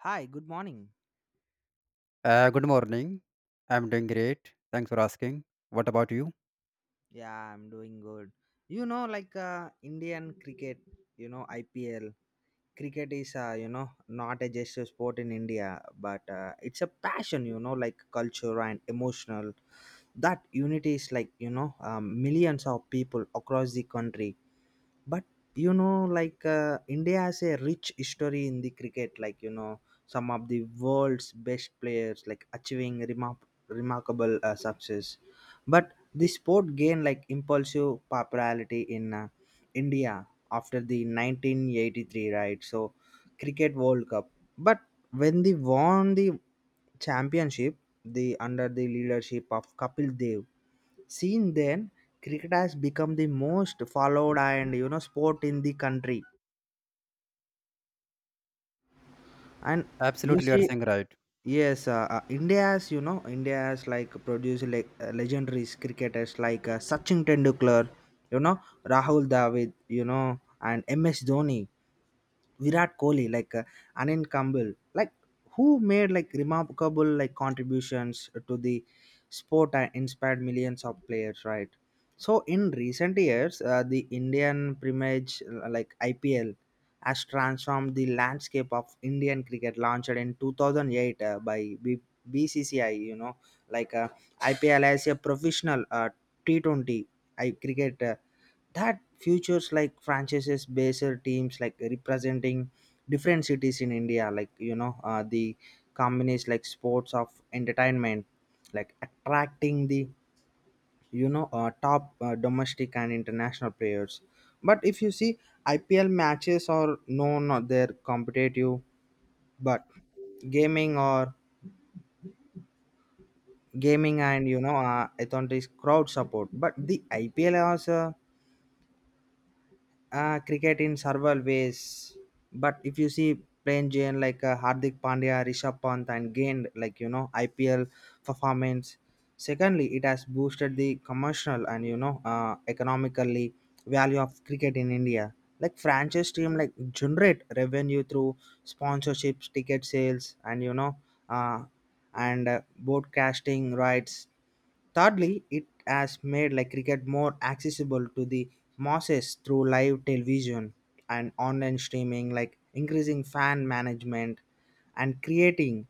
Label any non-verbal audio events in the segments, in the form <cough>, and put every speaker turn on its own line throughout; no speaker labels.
Hi, good morning.
Good morning. I'm doing great. Thanks for asking. What about you?
Yeah, I'm doing good. Indian cricket, IPL. Cricket is, not a just a sport in India, but it's a passion, like culture and emotional. That unity is millions of people across the country, but India has a rich history in the cricket, like some of the world's best players like remarkable success. But the sport gained like impulsive popularity in India after the 1983, right? So cricket world cup, but when they won the championship, the under the leadership of Kapil Dev. Since then, cricket has become the most followed and sport in the country. And you
Absolutely, you are
see,
saying right.
yes, India has like produced like legendary cricketers like Sachin Tendulkar, you know Rahul Dravid, and MS Dhoni. Virat Kohli, Anil Kambal, like who made like remarkable like contributions to the sport and inspired millions of players, right? So in recent years, the Indian Premier, like IPL has transformed the landscape of Indian cricket, launched in 2008 by BCCI. Like uh, IPL as a professional T20 I cricket that futures like franchises based teams like representing different cities in India the companies like sports of entertainment like attracting the top domestic and international players. But if you see, IPL matches are known or they're competitive, but gaming or gaming and it's on this crowd support. But the IPL also cricket in several ways. But if you see playing jane like Hardik Pandya, Rishabh Pant and gained IPL performance. Secondly, it has boosted the commercial and economically value of cricket in India, like franchise team like generate revenue through sponsorships, ticket sales and uh, broadcasting rights. Thirdly, it has made like cricket more accessible to the masses through live television and online streaming, like increasing fan management and creating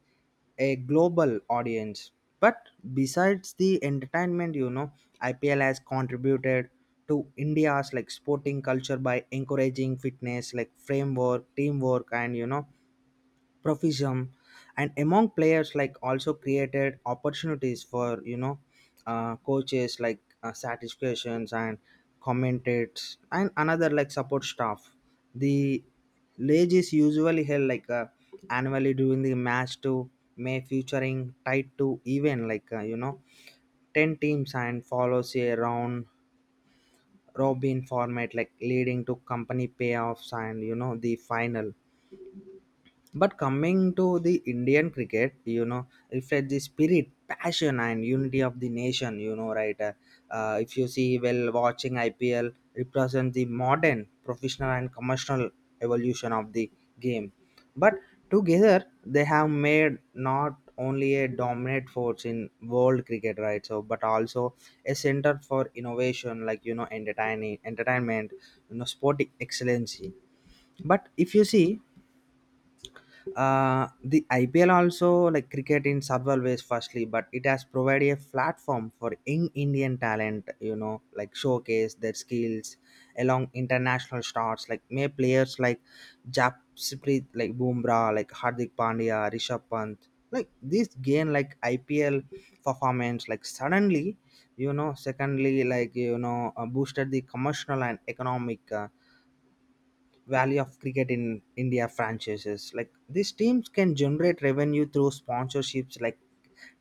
a global audience. But besides the entertainment, IPL has contributed to India's like sporting culture by encouraging fitness, like framework, teamwork, and profession, and among players like also created opportunities for coaches like satisfactions and commentators and another like support staff. The ledge is usually held like annually during the match to may featuring tied to event like 10 teams and follows a round robin format like leading to company payoffs and the final. But coming to the Indian cricket, reflect the spirit, passion, and unity of the nation. If you see, well, watching IPL represents the modern professional and commercial evolution of the game. But together, they have made not only a dominant force in world cricket, right? So, but also a center for innovation, like entertainment, sporting excellency. But if you see the IPL also like cricket in several ways. Firstly, but it has provided a platform for young Indian talent, like showcase their skills along international stars like may players like Japsprit like Bumrah, like Hardik Pandya, Rishabh Pant, like this gain like IPL performance like suddenly. Secondly, boosted the commercial and economic value of cricket in India franchises. Like these teams can generate revenue through sponsorships like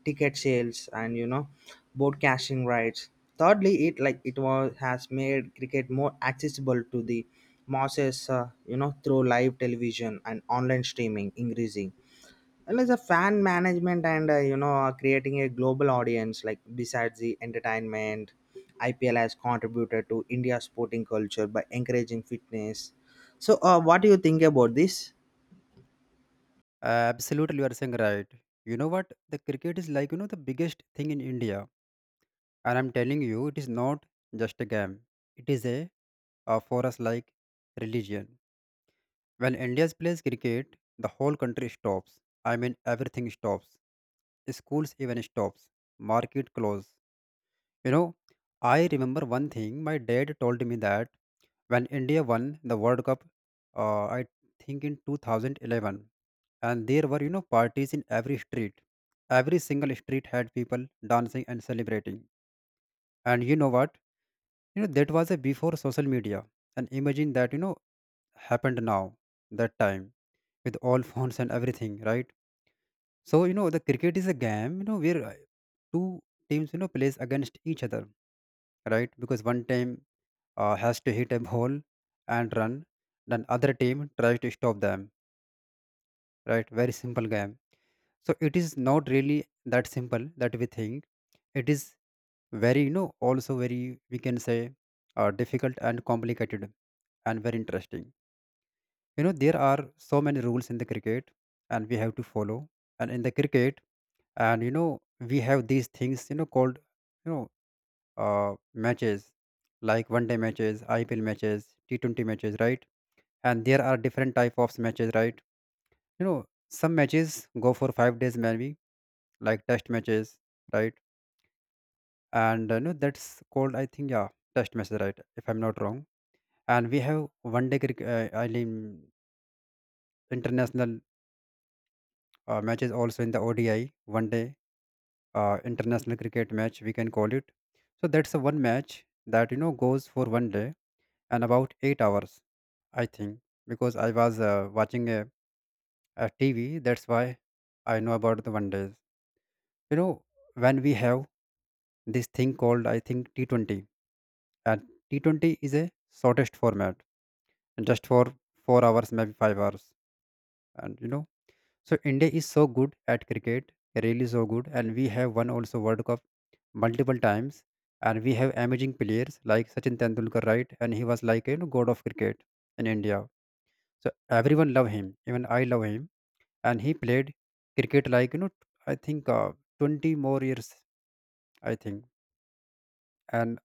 ticket sales and broadcasting rights. Thirdly, it like it was has made cricket more accessible to the masses, through live television and online streaming, increasing and as a fan management and creating a global audience like besides the entertainment, IPL has contributed to India's sporting culture by encouraging fitness. So, what do you think about this?
Absolutely, you are saying right. You know what? The cricket is like, the biggest thing in India. And I'm telling you, it is not just a game. It is for us, like religion. When India plays cricket, the whole country stops. I mean, everything stops. Schools even stops. Market close. You know, I remember one thing my dad told me that when India won the World Cup, I think, in 2011, and there were, parties in every street. Every single street had people dancing and celebrating. And you know what? That was a before social media. And imagine that, happened now, that time, with all <laughs> phones and everything, right? So, the cricket is a game, where two teams, plays against each other, right? Because one team has to hit a ball and run. Then other team tries to stop them. Right? Very simple game. So it is not really that simple that we think. It is very, also very, we can say, difficult and complicated and very interesting. You know there are so many rules in the cricket and we have to follow. And in the cricket, and you know we have these things, called, you know matches, like one day matches, IPL matches, T20 matches, right? And there are different type of matches, right. you know some matches go for 5 days, maybe, like test matches, right. And no, that's called, I think, yeah, test matches, right, if I'm not wrong. And we have one day cricket, I mean, international matches also, in the ODI, one day international cricket match, we can call it. So that's a one match that goes for one day and about 8 hours, I think, because I was watching a TV, that's why I know about the one days. you know when we have this thing called, I think, T20. And T20 is a shortest format and just for 4 hours, maybe 5 hours. And so India is so good at cricket, really so good, and we have won also World Cup multiple times. And we have amazing players like Sachin Tendulkar, right? And he was like, God of cricket in India. So everyone love him, even I love him. And he played cricket like, I think, 20 more years, I think. and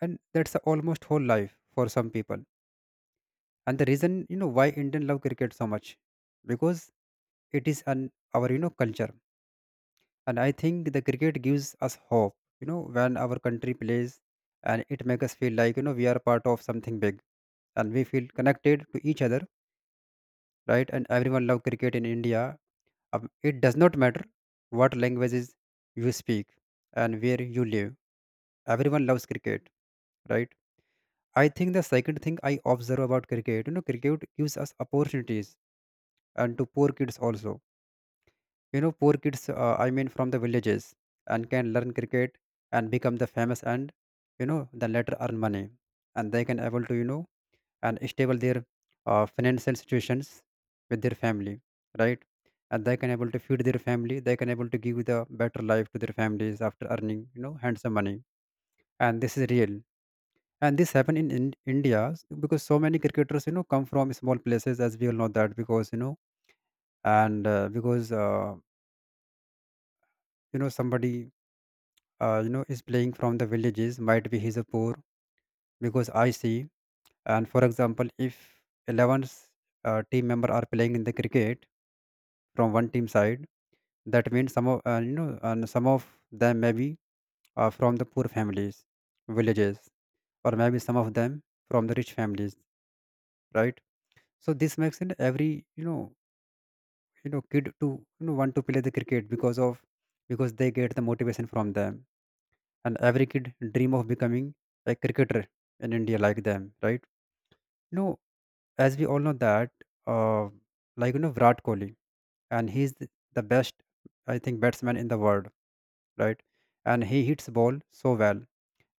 and that's a almost whole life for some people. And the reason, why Indian love cricket so much, because it is an our, culture. And I think the cricket gives us hope, when our country plays, and it makes us feel like, we are part of something big, and we feel connected to each other, right? And everyone love cricket in India. It does not matter what languages you speak and where you live, everyone loves cricket, right? I think the second thing I observe about cricket, cricket gives us opportunities, and to poor kids also. Poor kids, I mean, from the villages, and can learn cricket and become the famous, and, then later earn money. And they can able to, and stable their financial situations with their family, right? And they can able to feed their family. They can able to give the better life to their families after earning, handsome money. And this is real, and this happened in India, because so many cricketers, come from small places, as we all know that, because you know and because, somebody, is playing from the villages, might be he's a poor, because I see. And for example, if 11 team member are playing in the cricket from one team side, that means some of, you know and some of them maybe are from the poor families, villages, or maybe some of them from the rich families, right? So this makes it every, you know kid to, want to play the cricket, because they get the motivation from them. And every kid dream of becoming a cricketer in India like them, right? you know as we all know that, uh, like, Virat Kohli. And he's the best, I think, batsman in the world, right? And he hits ball so well.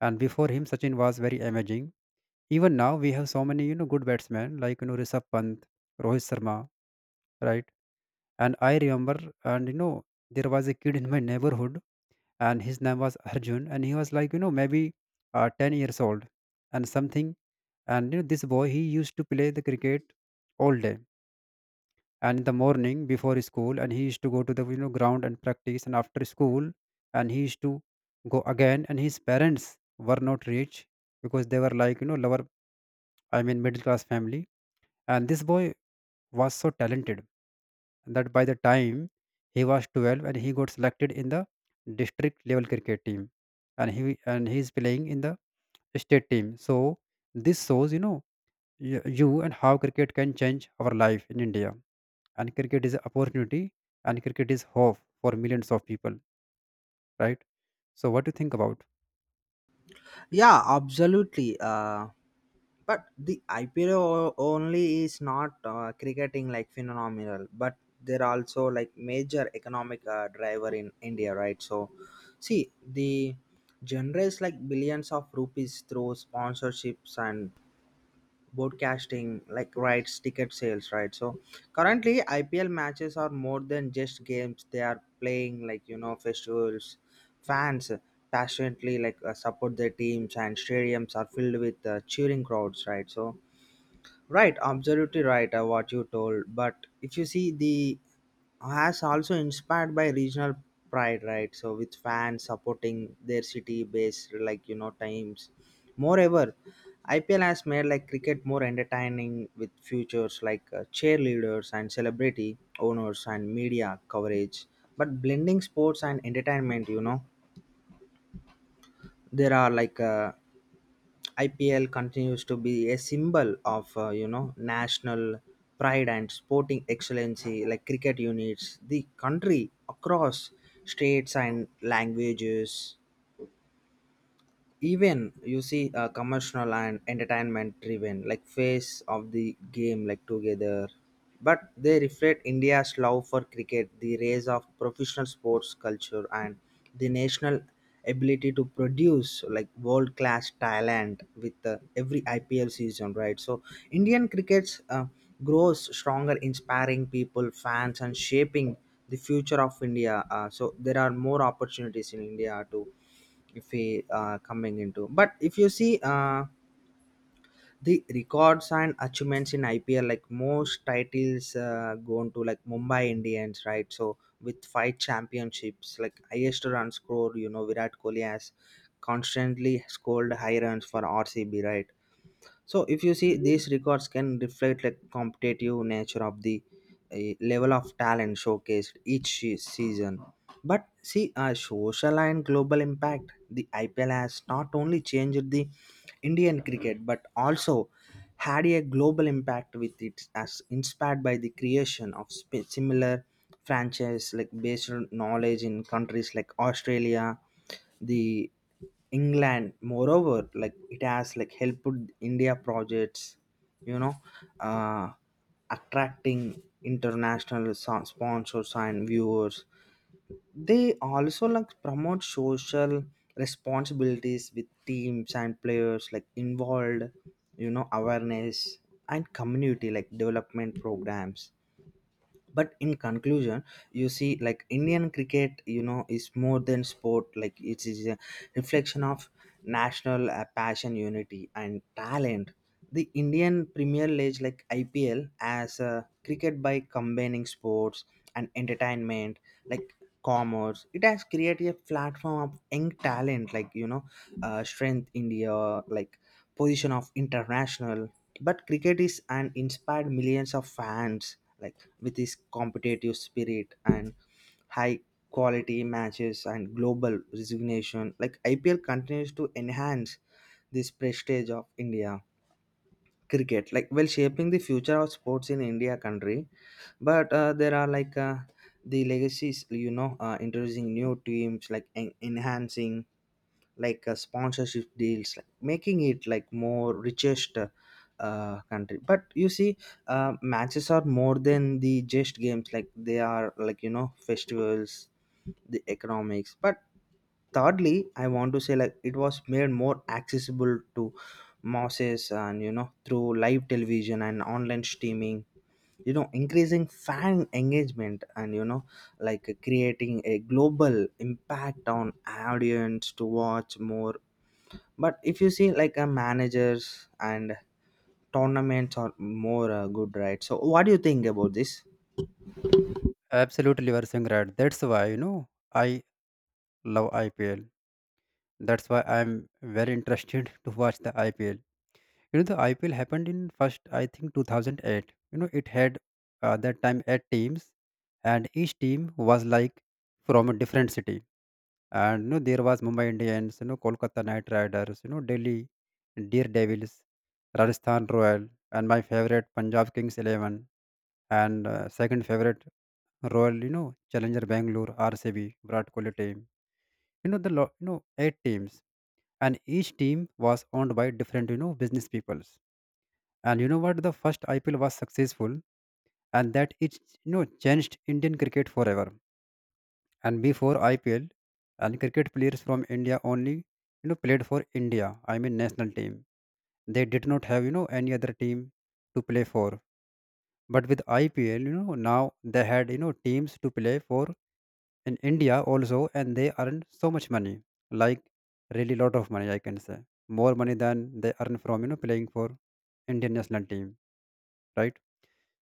And before him, Sachin was very amazing. Even now we have so many, good batsmen like, Rishabh Pant, Rohit Sharma, right? And I remember, and you know, there was a kid in my neighborhood, and his name was Arjun, and he was like, maybe 10 years old and something. This boy, he used to play the cricket all day, and in the morning before school, and he used to go to the, ground, and practice, and after school, and he used to go again. And his parents were not rich, because they were like, lower, I mean, middle class family. And this boy was so talented that by the time he was 12, and he got selected in the district level cricket team, and he is playing in the state team. So this shows, you know y- you and how cricket can change our life in India. And cricket is an opportunity, and cricket is hope for millions of people, right? So what do you think about?
Yeah, absolutely. But the IPL only is not cricketing like phenomenal, but they're also like major economic driver in India, right? So, see the generates like billions of rupees through sponsorships and broadcasting like rights, ticket sales, right? So currently, IPL matches are more than just games, they are playing like festivals. Fans passionately like support their teams and stadiums are filled with cheering crowds, right? So right, absolutely right, what you told. But if you see, the has also inspired by regional pride, right? So with fans supporting their city based times. Moreover, IPL has made like cricket more entertaining with futures like cheerleaders and celebrity owners and media coverage, but blending sports and entertainment, there are IPL continues to be a symbol of national pride and sporting excellency, like cricket units the country across states and languages. Even you see commercial and entertainment driven like phase of the game like together, but they reflect India's love for cricket, the rise of professional sports culture and the national ability to produce like world class talent with every IPL season, right? So Indian cricket's grows stronger inspiring people fans and shaping the future of India. So there are more opportunities in India to if we coming into, but if you see the records and achievements in IPL like most titles gone to like Mumbai Indians, right? So with five championships, like highest run score, Virat Kohli has constantly scored high runs for RCB, right? So if you see these records can reflect like competitive nature of the level of talent showcased season. But see a social and global impact, the IPL has not only changed the Indian cricket, but also had a global impact with it as inspired by the creation of similar franchise like based on knowledge in countries like Australia, the England, moreover, like it has like helped India projects, you know, uh, attracting international sponsors and viewers. They also like promote social responsibilities with teams and players like involved, awareness and community like development programs. But in conclusion, you see like Indian cricket, is more than sport, like it is a reflection of national passion, unity and talent. The Indian Premier League like IPL as a cricket by combining sports and entertainment like commerce, it has created a platform of young talent, strength India like position of international. But cricket is and inspired millions of fans like with its competitive spirit and high quality matches and global resignation, like IPL continues to enhance this prestige of India cricket, like well shaping the future of sports in India country. But there are the legacies, introducing new teams like enhancing like sponsorship deals like making it like more richest country. But you see matches are more than the just games, like they are like festivals the economics. But thirdly, I want to say like it was made more accessible to masses and through live television and online streaming, increasing fan engagement and like creating a global impact on audience to watch more. But if you see like a managers and tournaments are more good, right? So what do you think about this?
Absolutely, you are saying right, that's why, I love IPL, that's why I'm very interested <laughs> to watch the IPL. The IPL happened in first, I think, 2008. It had that time, eight teams, and each team was like from a different city. There was Mumbai Indians, Kolkata Knight Riders, Delhi Daredevils, Rajasthan Royal, and my favorite Punjab Kings Eleven, and second favorite Royal, Challenger Bangalore, RCB, Virat Kohli team. You know, the lo- you know Eight teams, and each team was owned by different, business peoples. And you know what? The first IPL was successful, and that it, changed Indian cricket forever. And before IPL, and cricket players from India only, played for India. I mean, national team. They did not have, any other team to play for. But with IPL, now they had, teams to play for in India also, and they earned so much money, like really lot of money, I can say, more money than they earn from, playing for Indian national team, right?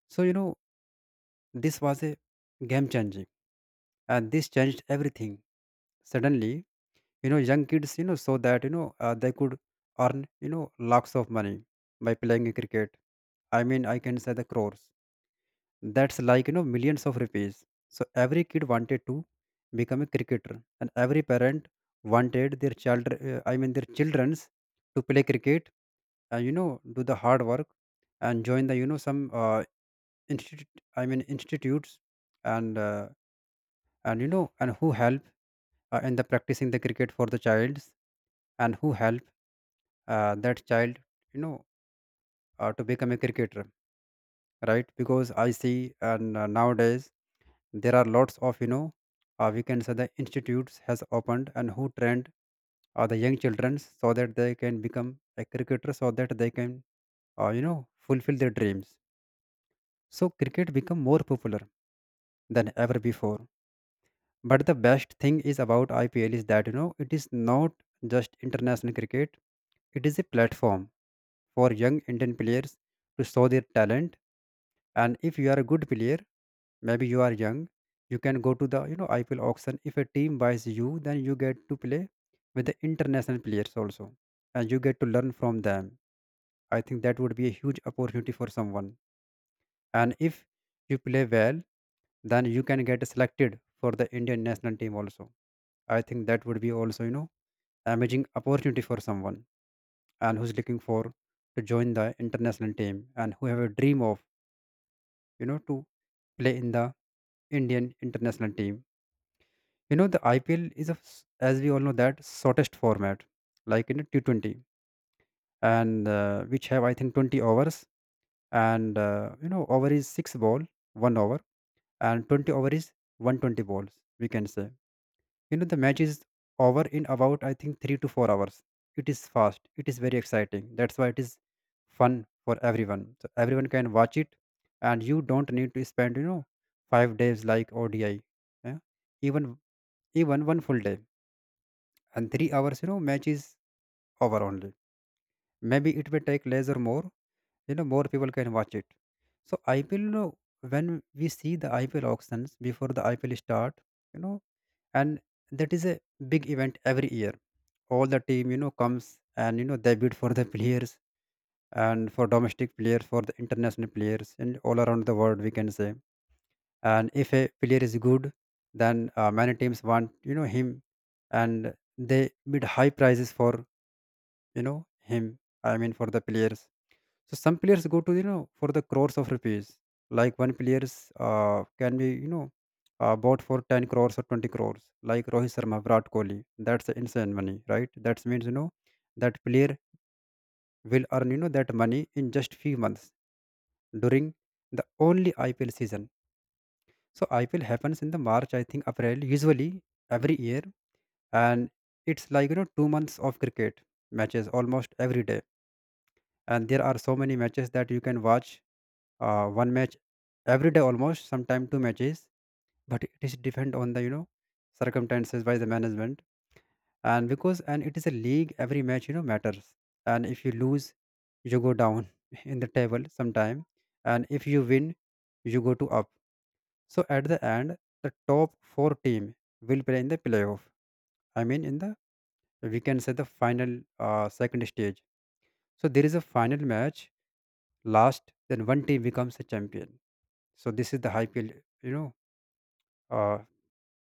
So, this was a game changing, and this changed everything. Suddenly, young kids, saw that, they could earn, lakhs of money by playing cricket. I mean, I can say, the crores. That's like, millions of rupees. So every kid wanted to become a cricketer, and every parent wanted their child, I mean, their childrens, to play cricket, and, do the hard work, and join the, some institute, I mean, institutes and. And you know and who help in the practicing the cricket for the child, and who help that child, you know to become a cricketer, right. Because I see, and nowadays, there are lots of, we can say, the institutes has opened, and who trained the young children so that they can become a cricketer, so that they can, uh, you know fulfill their dreams, so cricket become more popular than ever before. But the best thing is about IPL is that, it is not just international cricket. It is a platform for young Indian players to show their talent. And if you are a good player, maybe you are young, you can go to the, IPL auction. If a team buys you, then you get to play with the international players also, and you get to learn from them. I think that would be a huge opportunity for someone, and if you play well, then you can get selected for the Indian national team also. I think that would be also, you know, amazing opportunity for someone and who's looking for to join the international team and who have a dream of, you know to play in the Indian international team. You know, the IPL is a, as we all know, that shortest format, like in a T20, and which have, I think, 20 overs. And over is 6 ball, 1 over, and 20 over is 120 balls, we can say. You know, the match is over in about, I think, 3 to 4 hours. It is fast, it is very exciting, that's why it is fun for everyone, so everyone can watch it. And you don't need to spend, you know, 5 days like ODI, yeah? Even, even one full day and 3 hours, you know, match is over only. Maybe it will take less or more. You know, more people can watch it. So IPL, you know, when we see the IPL auctions before the IPL start, you know, and that is a big event every year. All the team, you know, comes, and you know, they bid for the players, and for domestic players, for the international players and all around the world, we can say. And if a player is good, then many teams want, you know, him, and they bid high prices for, you know, him. I mean, for the players. So some players go to, you know, for the crores of rupees. Like one players can be, you know, bought for 10 crores or 20 crores. Like Rohit Sharma, Virat Kohli. That's insane money, right? That means, you know, that player will earn, you know, that money in just few months during the only IPL season. So IPL happens in the March, I think April, usually every year, and it's like, you know, 2 months of cricket matches almost every day, and there are so many matches that you can watch. One match every day almost. Sometimes two matches, but it is depend on the, you know, circumstances by the management. And because, and it is a league, every match, you know, matters. And if you lose, you go down <laughs> in the table sometime, and if you win, you go to up. So at the end, the top four team will play in the playoff. I mean in the we can say the final, second stage. So there is a final match last, then one team becomes a champion. So this is the IPL, you know, uh,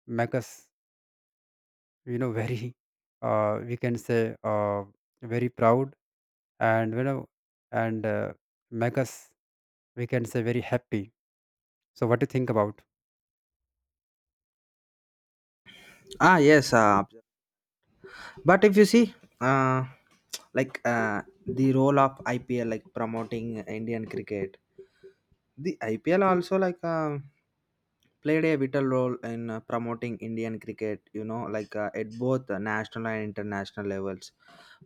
make us, you know, <laughs> very, we can say, very proud. And you know, and make us, we can say, very happy. So what do you think about?
ah yes uh, But if you see, uh, the role of IPL, like promoting Indian cricket, the IPL also played a vital role in promoting Indian cricket. At both national and international levels,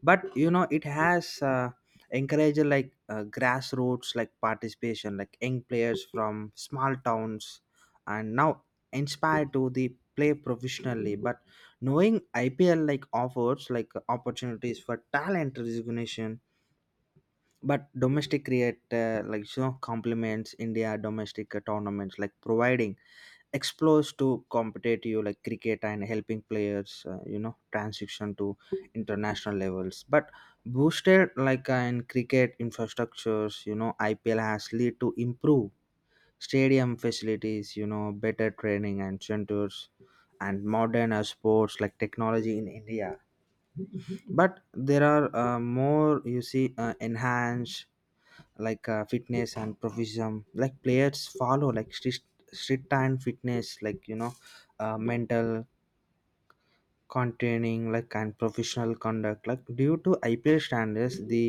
but it has encouraged grassroots like participation, like young players from small towns and now inspired to the play professionally. But knowing IPL like offers like opportunities for talent recognition, but domestic create complements India domestic tournaments like providing explores to competitive like cricket and helping players transition to international levels. But boosted in cricket infrastructures, IPL has lead to improve stadium facilities, better training and centers and modern sports like technology in India. But there are more you see enhanced fitness and professionalism, like players follow like strict and fitness like mental containing like and professional conduct like due to IPL standards. The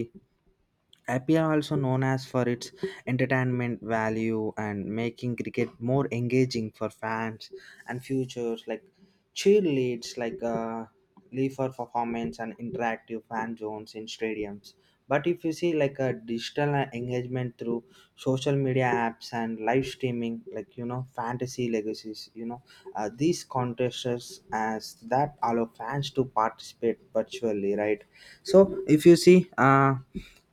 IPL also known as for its entertainment value and making cricket more engaging for fans and futures like cheerleads like leave for performance and interactive fan zones in stadiums. But if you see like a digital engagement through social media apps and live streaming, fantasy legacies, these contests as that allow fans to participate virtually, right? So if you see,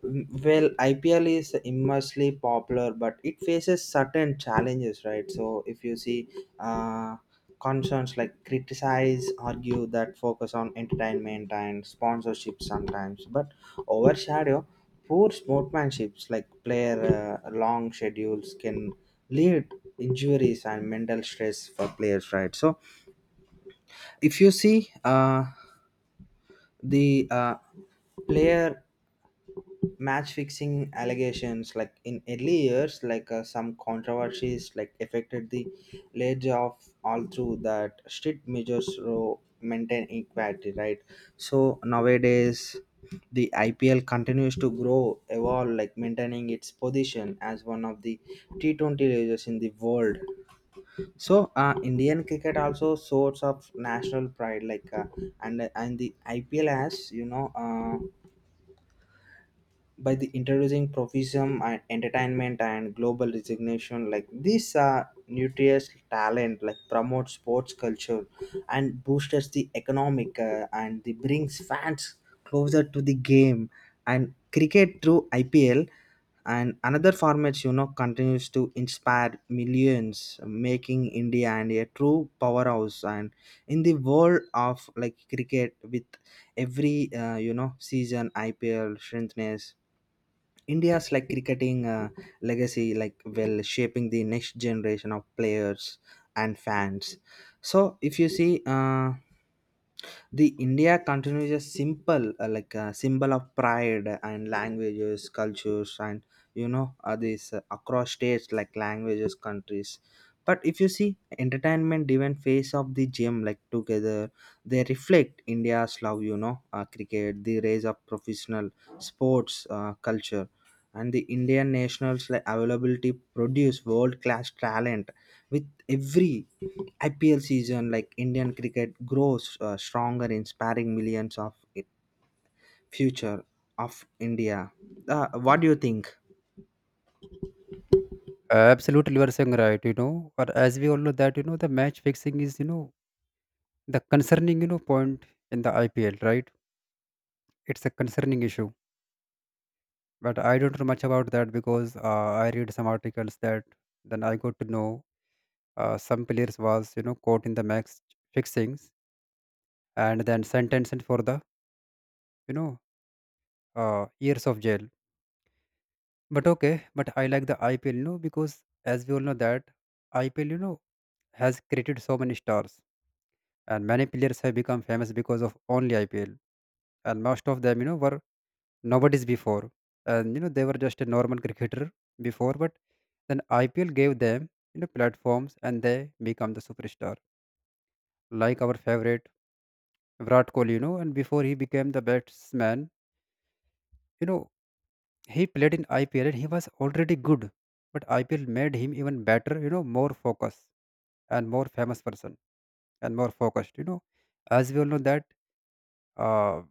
well, IPL is immensely popular, but it faces certain challenges, right? So if you see, uh, concerns like criticize, argue that focus on entertainment and sponsorship sometimes, but overshadow poor sportsmanships like player long schedules can lead injuries and mental stress for players, right? So if you see, the player match fixing allegations like in early years, like some controversies like affected the ledge of all through that strict measures to maintain equality, right? So nowadays the IPL continues to grow evolve like maintaining its position as one of the T20 leaders in the world. So Indian cricket also source of national pride, like and the IPL has by the introducing profession and entertainment and global resignation, like this nutritious talent like promotes sports culture and boosts the economic and the brings fans closer to the game. And cricket through IPL and another formats, continues to inspire millions, making India and a true powerhouse and in the world of like cricket. With every season, IPL strengthness India's like cricketing legacy, like well shaping the next generation of players and fans. So if you see, the India continues a simple like a symbol of pride and languages, cultures, and this across states like languages, countries. But if you see entertainment driven face of the gym like together, they reflect India's love. Cricket, the rise of professional sports culture and the Indian nationals like availability produce world class talent with every IPL season, like Indian cricket grows stronger inspiring millions of future of India. What do you think?
Absolutely, you are saying right, you know. But as we all know that, you know, the match fixing is, you know, the concerning, you know, point in the IPL, right? It's a concerning issue. But I don't know much about that, because I read some articles that then I got to know some players was, you know, caught in the match fixings, and then sentenced for the, you know, years of jail. But okay, but I like the IPL, you know, because as we all know that IPL, you know, has created so many stars, and many players have become famous because of only IPL. And most of them, you know, were nobodies before, and you know, they were just a normal cricketer before. But then IPL gave them, you know, platforms, and they become the superstar, like our favorite Virat Kohli, you know. And before he became the batsman, you know, he played in IPL and he was already good, but IPL made him even better, you know, more focused and more famous person and more focused, you know. As we all know that, uh,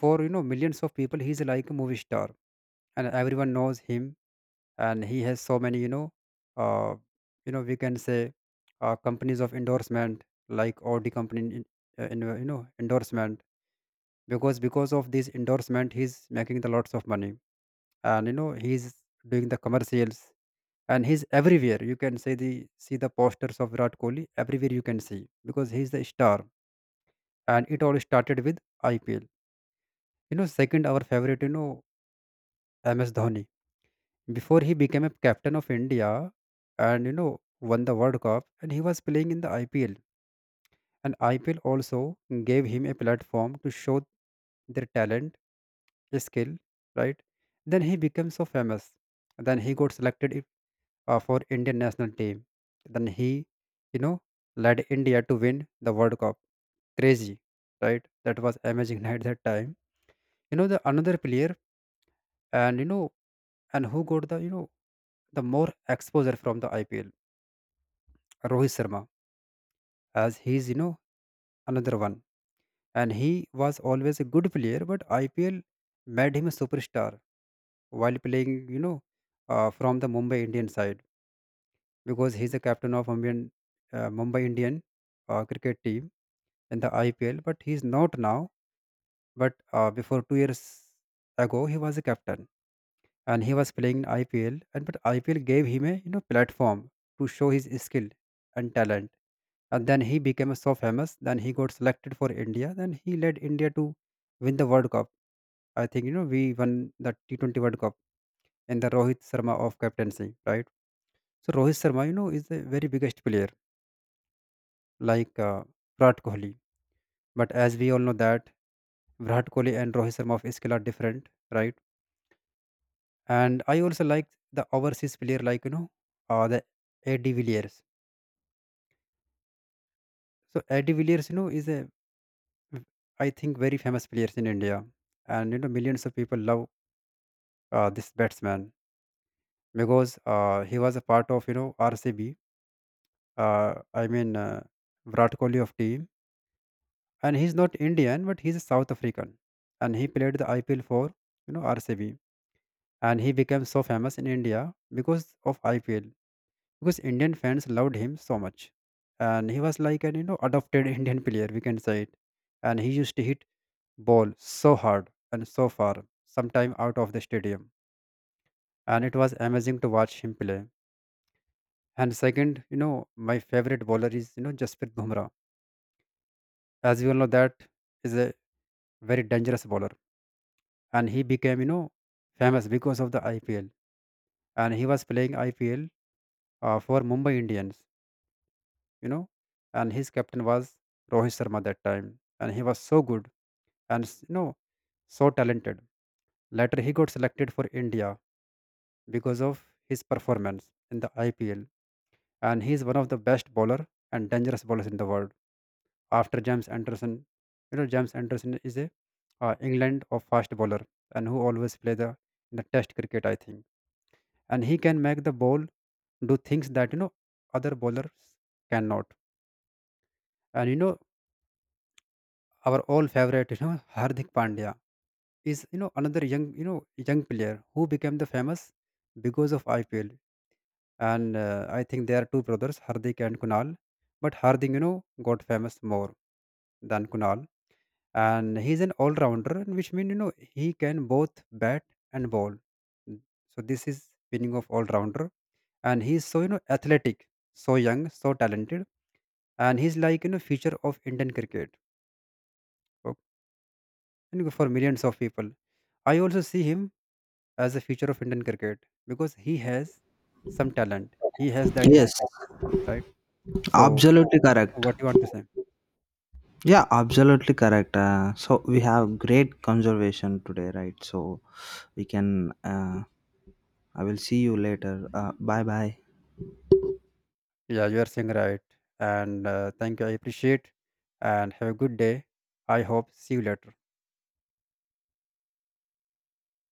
for, you know, millions of people, he's like a movie star, and everyone knows him, and he has so many, uh, you know, we can say, companies of endorsement, like Audi company in, you know, endorsement. Because of this endorsement, he's making the lots of money, and you know, he's doing the commercials, and he's everywhere, you can say the see the posters of Virat Kohli everywhere you can see, because he's the star, and it all started with IPL. You know, second, our favorite, you know, MS Dhoni, before he became a captain of India, and you know, won the World Cup, and he was playing in the IPL. And IPL also gave him a platform to show their talent, skill, right? Then he becomes so famous. Then he got selected for Indian national team. Then he, you know, led India to win the World Cup. Crazy, right? That was amazing <laughs> at that time. You know the another player, and you know, and who got the, you know, the more exposure from the IPL, Rohit Sharma, as he's, you know, another one. And he was always a good player, but IPL made him a superstar while playing, you know, from the Mumbai Indian side. Because he's the captain of Mumbai, Mumbai Indian cricket team in the IPL. But he's not now. But before 2 years ago, he was a captain, and he was playing in IPL. And but IPL gave him a, you know, platform to show his skill and talent. And then he became so famous. Then he got selected for India. Then he led India to win the World Cup. I think you know we won the T20 World Cup and the Rohit Sharma of captaincy, right? So Rohit Sharma, you know, is the very biggest player, like Virat Kohli. But as we all know that Virat Kohli and Rohit Sharma of skill are different, right? And I also like the overseas player, like you know, the Eddie Villiers. So Eddie Villiers, you know, is a, I think, very famous players in India, and you know, millions of people love this batsman, because he was a part of, you know, RCB. I mean, Virat Kohli of team. And he's not Indian, but he's a South African, and he played the IPL for, you know, RCB, and he became so famous in India because of IPL, because Indian fans loved him so much, and he was like an, you know, adopted <laughs> Indian player, we can say it. And he used to hit ball so hard and so far, sometime out of the stadium, and it was amazing to watch him play. And second, you know, my favorite bowler is, you know, Jasprit Bumrah. As you all know that, is a very dangerous bowler, and he became, you know, famous because of the IPL. And he was playing IPL for Mumbai Indians, you know, and his captain was Rohit Sharma that time, and he was so good and you know, so talented. Later, he got selected for India because of his performance in the IPL, and he is one of the best bowler and dangerous bowlers in the world. After James Anderson, you know, James Anderson is a England of fast bowler, and who always play the in the Test cricket, I think, and he can make the ball do things that, you know, other bowlers cannot. And you know, our all favorite, you know, Hardik Pandya is, you know, another young, you know, young player who became the famous because of IPL. And I think there are two brothers, Hardik and Kunal. But Hardik, you know, got famous more than Kunal. And he's an all-rounder, and which means, you know, he can both bat and ball. Mm, so this is meaning of all-rounder. And he's so, you know, athletic, so young, so talented. And he's like, you know, future of Indian cricket. Okay. And for millions of people. I also see him as the future of Indian cricket because he has some talent. He has that
Yes,
skill, right? So,
absolutely correct.
what you want to say?
Yeah, absolutely correct. So we have great conservation today, right? So we can. I will see you later. Bye bye.
Yeah, you are saying right. And thank you. I appreciate. And have a good day. I hope. See you later.